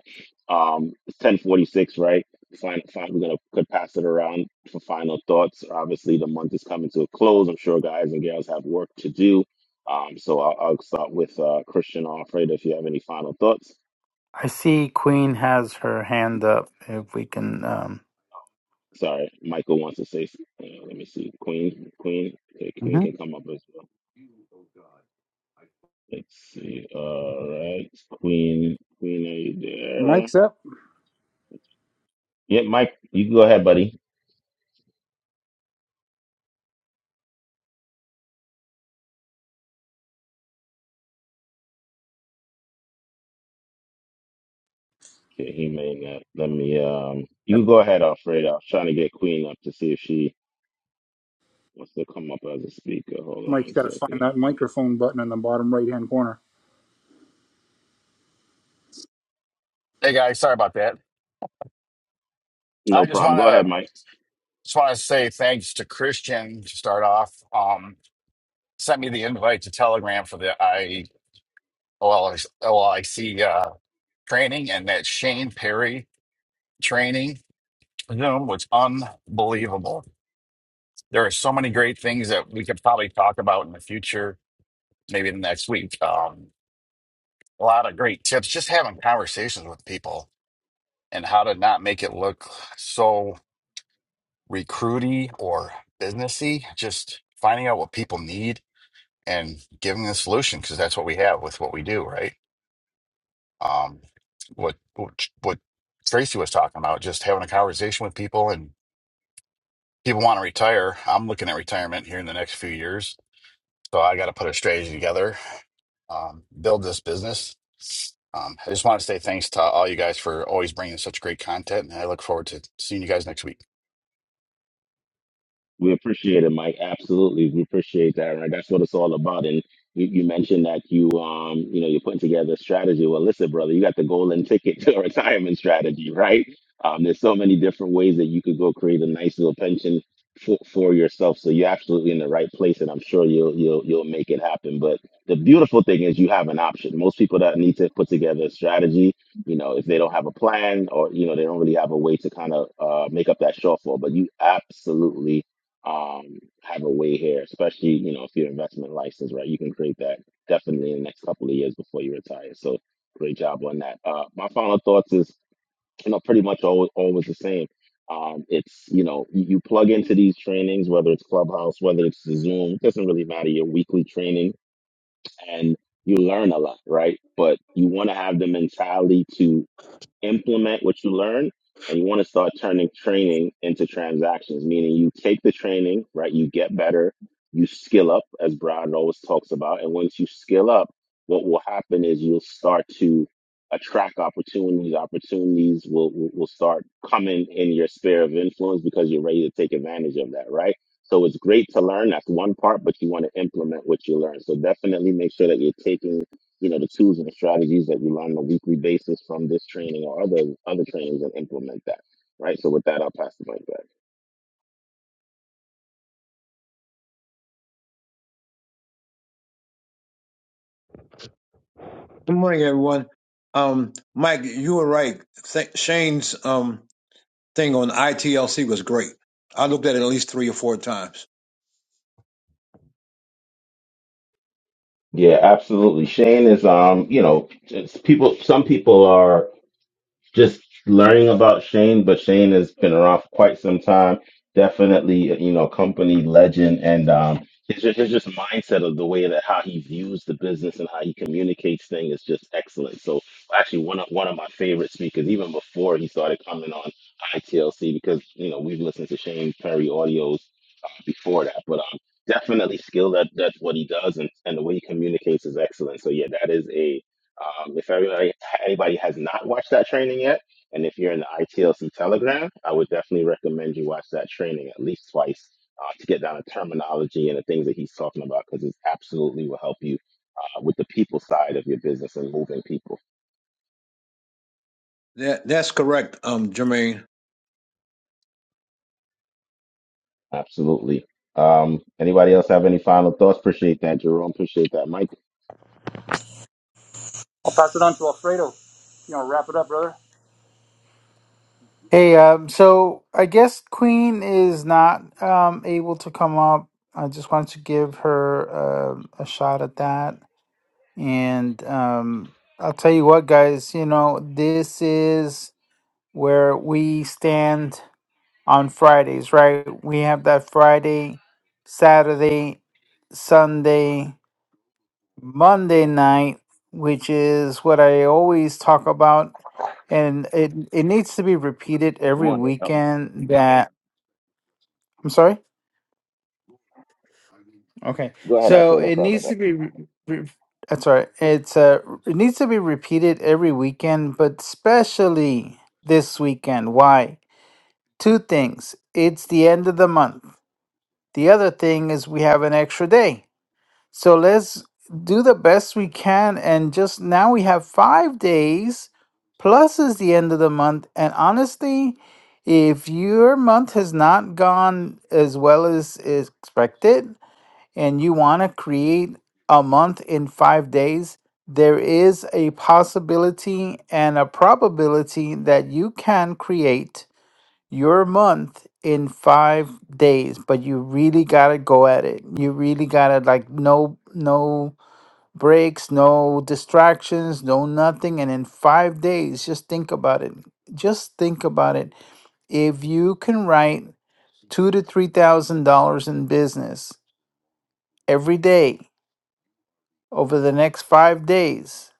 [SPEAKER 3] um, it's 1046, right? Fine, fine. We're gonna could pass it around for final thoughts. Obviously, the month is coming to a close. I'm sure guys and gals have work to do. Um, so I'll, I'll start with uh, Christian or Alfred. If you have any final thoughts,
[SPEAKER 2] I see Queen has her hand up. If we can, um,
[SPEAKER 3] sorry, Michael wants to say. Uh, let me see, Queen, Queen, okay, Queen
[SPEAKER 2] hmm
[SPEAKER 3] can come up as well. Let's see. All right, Queen, Queen, are you there?
[SPEAKER 1] mic's up.
[SPEAKER 3] Yeah, Mike, you can go ahead, buddy. Okay, he may not. Let me. Um, you can go ahead, Alfred. I'm trying to get Queen up to see if she wants to come up as a speaker. Hold on
[SPEAKER 1] Mike's
[SPEAKER 3] one
[SPEAKER 1] got to find
[SPEAKER 3] second.
[SPEAKER 1] that microphone button in the bottom right hand corner.
[SPEAKER 6] Hey guys, sorry about that.
[SPEAKER 3] No
[SPEAKER 6] I just
[SPEAKER 3] problem.
[SPEAKER 6] want
[SPEAKER 3] Go ahead,
[SPEAKER 6] to
[SPEAKER 3] Mike.
[SPEAKER 6] just want to say thanks to Christian to start off. Um, sent me the invite to Telegram for the I OLIC uh, training and that Shane Perry training Zoom was unbelievable. There are so many great things that we could probably talk about in the future, maybe the next week. Um, a lot of great tips, just having conversations with people and how to not make it look so recruity or businessy, just finding out what people need and giving the solution because that's what we have with what we do, right? Um, what what what Tracy was talking about, just having a conversation with people and people want to retire. I'm looking at retirement here in the next few years, so I got to put a strategy together, um, build this business. Um, I just want to say thanks to all you guys for always bringing such great content, and I look forward to seeing you guys next week.
[SPEAKER 3] We appreciate it, Mike. Absolutely, we appreciate that, right? That's what it's all about. And you, you mentioned that you, um, you know, you're putting together a strategy. Well, listen, brother, you got the golden ticket to a retirement strategy, right? Um, there's so many different ways that you could go create a nice little pension for, for yourself. So you're absolutely in the right place, and I'm sure you'll you'll you'll make it happen. But the beautiful thing is you have an option. Most people that need to put together a strategy, you know, if they don't have a plan or you know they don't really have a way to kind of uh, make up that shortfall, but you absolutely um, have a way here, especially, you know, if you're investment license, right? You can create that definitely in the next couple of years before you retire. So great job on that. Uh, my final thoughts is, you know, pretty much always, always the same. Um, it's, you know, you, you plug into these trainings, whether it's Clubhouse, whether it's Zoom, it doesn't really matter, your weekly training, and you learn a lot, right? But you want to have the mentality to implement what you learn and you want to start turning training into transactions meaning you take the training right you get better you skill up as brad always talks about and once you skill up what will happen is you'll start to attract opportunities opportunities will, will will start coming in your sphere of influence because you're ready to take advantage of that right so it's great to learn that's one part but you want to implement what you learn so definitely make sure that you're taking you know the tools and the strategies that we learn on a weekly basis from this training or other other trainings and implement that right so with that i'll pass the mic back
[SPEAKER 7] Good morning, everyone. Um, Mike, you were right. Th- Shane's um, thing on ITLC was great. I looked at it at least three or four times.
[SPEAKER 3] Yeah, absolutely. Shane is, um, you know, it's people. Some people are. just learning about Shane, but Shane has been around for quite some time. Definitely, you know, company legend, and um, his ju- his just mindset of the way that how he views the business and how he communicates things is just excellent. So, actually, one of one of my favorite speakers, even before he started coming on ITLC, because you know we've listened to Shane Perry audios uh, before that, but um, definitely skilled at that's what he does, and, and the way he communicates is excellent. So, yeah, that is a um, if everybody, anybody has not watched that training yet, and if you're in the ITLC Telegram, I would definitely recommend you watch that training at least twice uh, to get down the terminology and the things that he's talking about because it absolutely will help you uh, with the people side of your business and moving people.
[SPEAKER 7] That, that's correct, um, Jermaine.
[SPEAKER 3] Absolutely. Um, anybody else have any final thoughts? Appreciate that, Jerome. Appreciate that, Mike.
[SPEAKER 1] I'll pass it on to Alfredo. You know, wrap it up, brother.
[SPEAKER 2] hey, um, so I guess Queen is not um, able to come up. I just wanted to give her um a shot at that, and um, I'll tell you what, guys. You know, this is where we stand on Fridays, right? We have that Friday, Saturday, Sunday. Monday night, which is what I always talk about, and it it needs to be repeated
[SPEAKER 3] Good
[SPEAKER 2] every
[SPEAKER 3] morning. Help me.
[SPEAKER 2] weekend. That I'm sorry. Okay,
[SPEAKER 3] Go ahead,
[SPEAKER 2] so
[SPEAKER 3] Alfredo.
[SPEAKER 2] it
[SPEAKER 3] Sorry about that.
[SPEAKER 2] needs to be. Re- re- that's all right. It's uh, it needs to be repeated every weekend, but especially this weekend. Why? Two things. It's the end of the month. The other thing is we have an extra day. So let's do the best we can. And just now we have five days, plus is the end of the month. And honestly, if your month has not gone as well as is expected, and you want to create a month in five days, there is a possibility and a probability that you can create your month in five days, but you really gotta go at it. You really gotta like no no breaks, no distractions, no nothing. And in five days, just think about it. Just think about it. If you can write two to three thousand dollars in business every day over the next five days,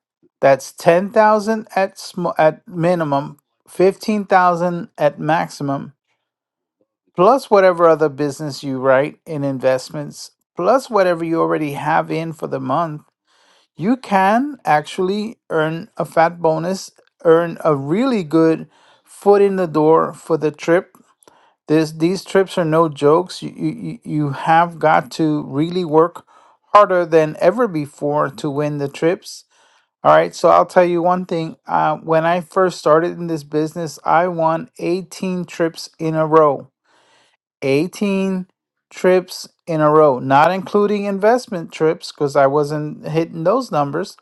[SPEAKER 2] that's ten thousand at sm- at minimum, fifteen thousand at maximum plus whatever other business you write in investments, plus whatever you already have in for the month, you can actually earn a fat bonus, earn a really good foot in the door for the trip. This, these trips are no jokes. You, you, you you have got to really work harder than ever before to win the trips. All right, so I'll tell you one thing. Uh, when I first started in this business, I won 18 trips in a row. 18 trips in a row, not including investment trips because I wasn't hitting those numbers,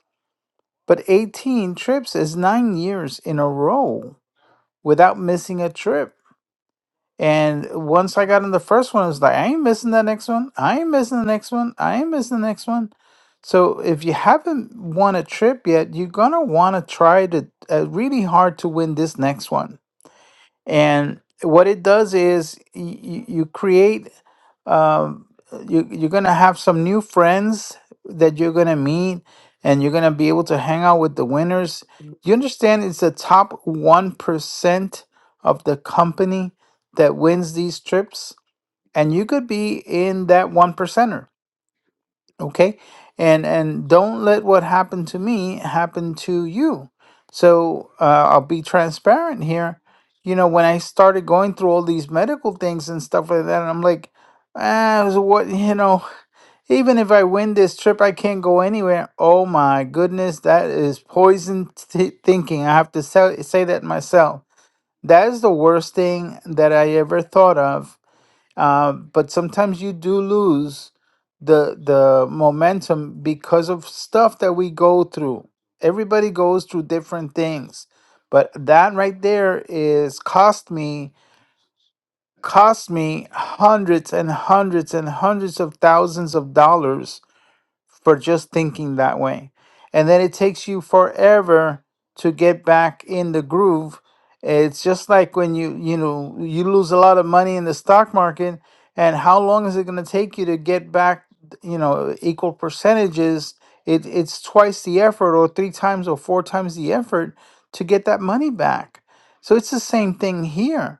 [SPEAKER 2] but 18 trips is nine years in a row without missing a trip. And once I got in the first one, I was like, I ain't missing that next one. I ain't missing the next one. I ain't missing the next one. So if you haven't won a trip yet, you're going to want to try to uh, really hard to win this next one and what it does is you, you create, um, you, you're going to have some new friends that you're going to meet and you're going to be able to hang out with the winners. You understand it's the top 1% of the company that wins these trips. And you could be in that one percenter okay and and don't let what happened to me happen to you so uh, i'll be transparent here you know when i started going through all these medical things and stuff like that and i'm like ah so what you know even if i win this trip i can't go anywhere oh my goodness that is poison t- thinking i have to say, say that myself that is the worst thing that i ever thought of uh, but sometimes you do lose the the momentum because of stuff that we go through. Everybody goes through different things, but that right there is cost me cost me hundreds and hundreds and hundreds of thousands of dollars for just thinking that way. And then it takes you forever to get back in the groove. It's just like when you, you know, you lose a lot of money in the stock market and how long is it going to take you to get back, you know, equal percentages? It, it's twice the effort or three times or four times the effort to get that money back. So it's the same thing here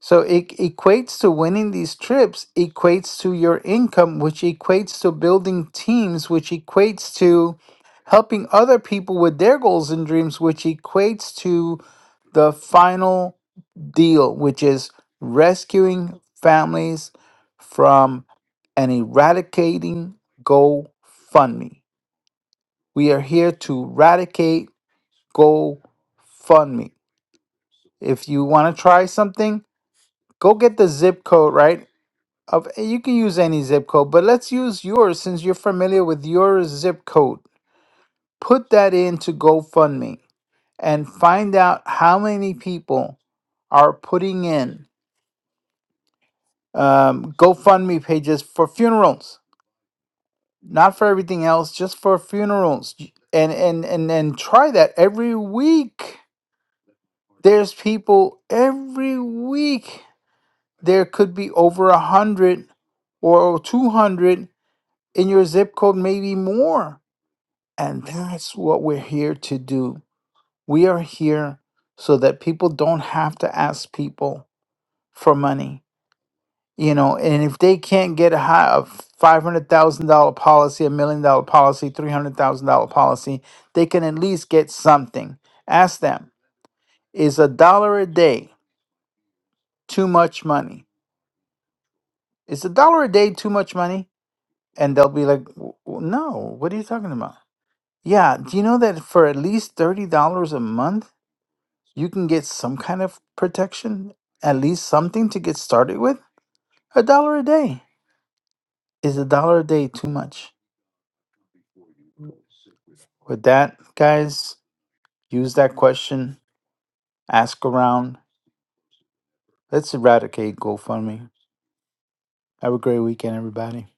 [SPEAKER 2] so it equates to winning these trips, equates to your income, which equates to building teams, which equates to helping other people with their goals and dreams, which equates to the final deal, which is rescuing families from and eradicating GoFundMe. We are here to eradicate GoFundMe. If you want to try something, go get the zip code, right? of you can use any zip code, but let's use yours since you're familiar with your zip code. Put that into GoFundMe and find out how many people are putting in um, GoFundMe pages for funerals, not for everything else, just for funerals. And and and and try that every week. There's people every week. There could be over a hundred or 200 in your zip code, maybe more And that's what we're here to do. We are here so that people don't have to ask people for money. You know, and if they can't get a high a five hundred thousand dollar policy, a million dollar policy, three hundred thousand dollar policy, they can at least get something. Ask them, is a dollar a day too much money? Is a dollar a day too much money? And they'll be like, "W- w- no, what are you talking about? Yeah, do you know that for at least $30 a month, you can get some kind of protection, at least something to get started with. A dollar a day. Is a dollar a day too much? With that, guys, use that question, ask around. Let's eradicate GoFundMe. Have a great weekend, everybody.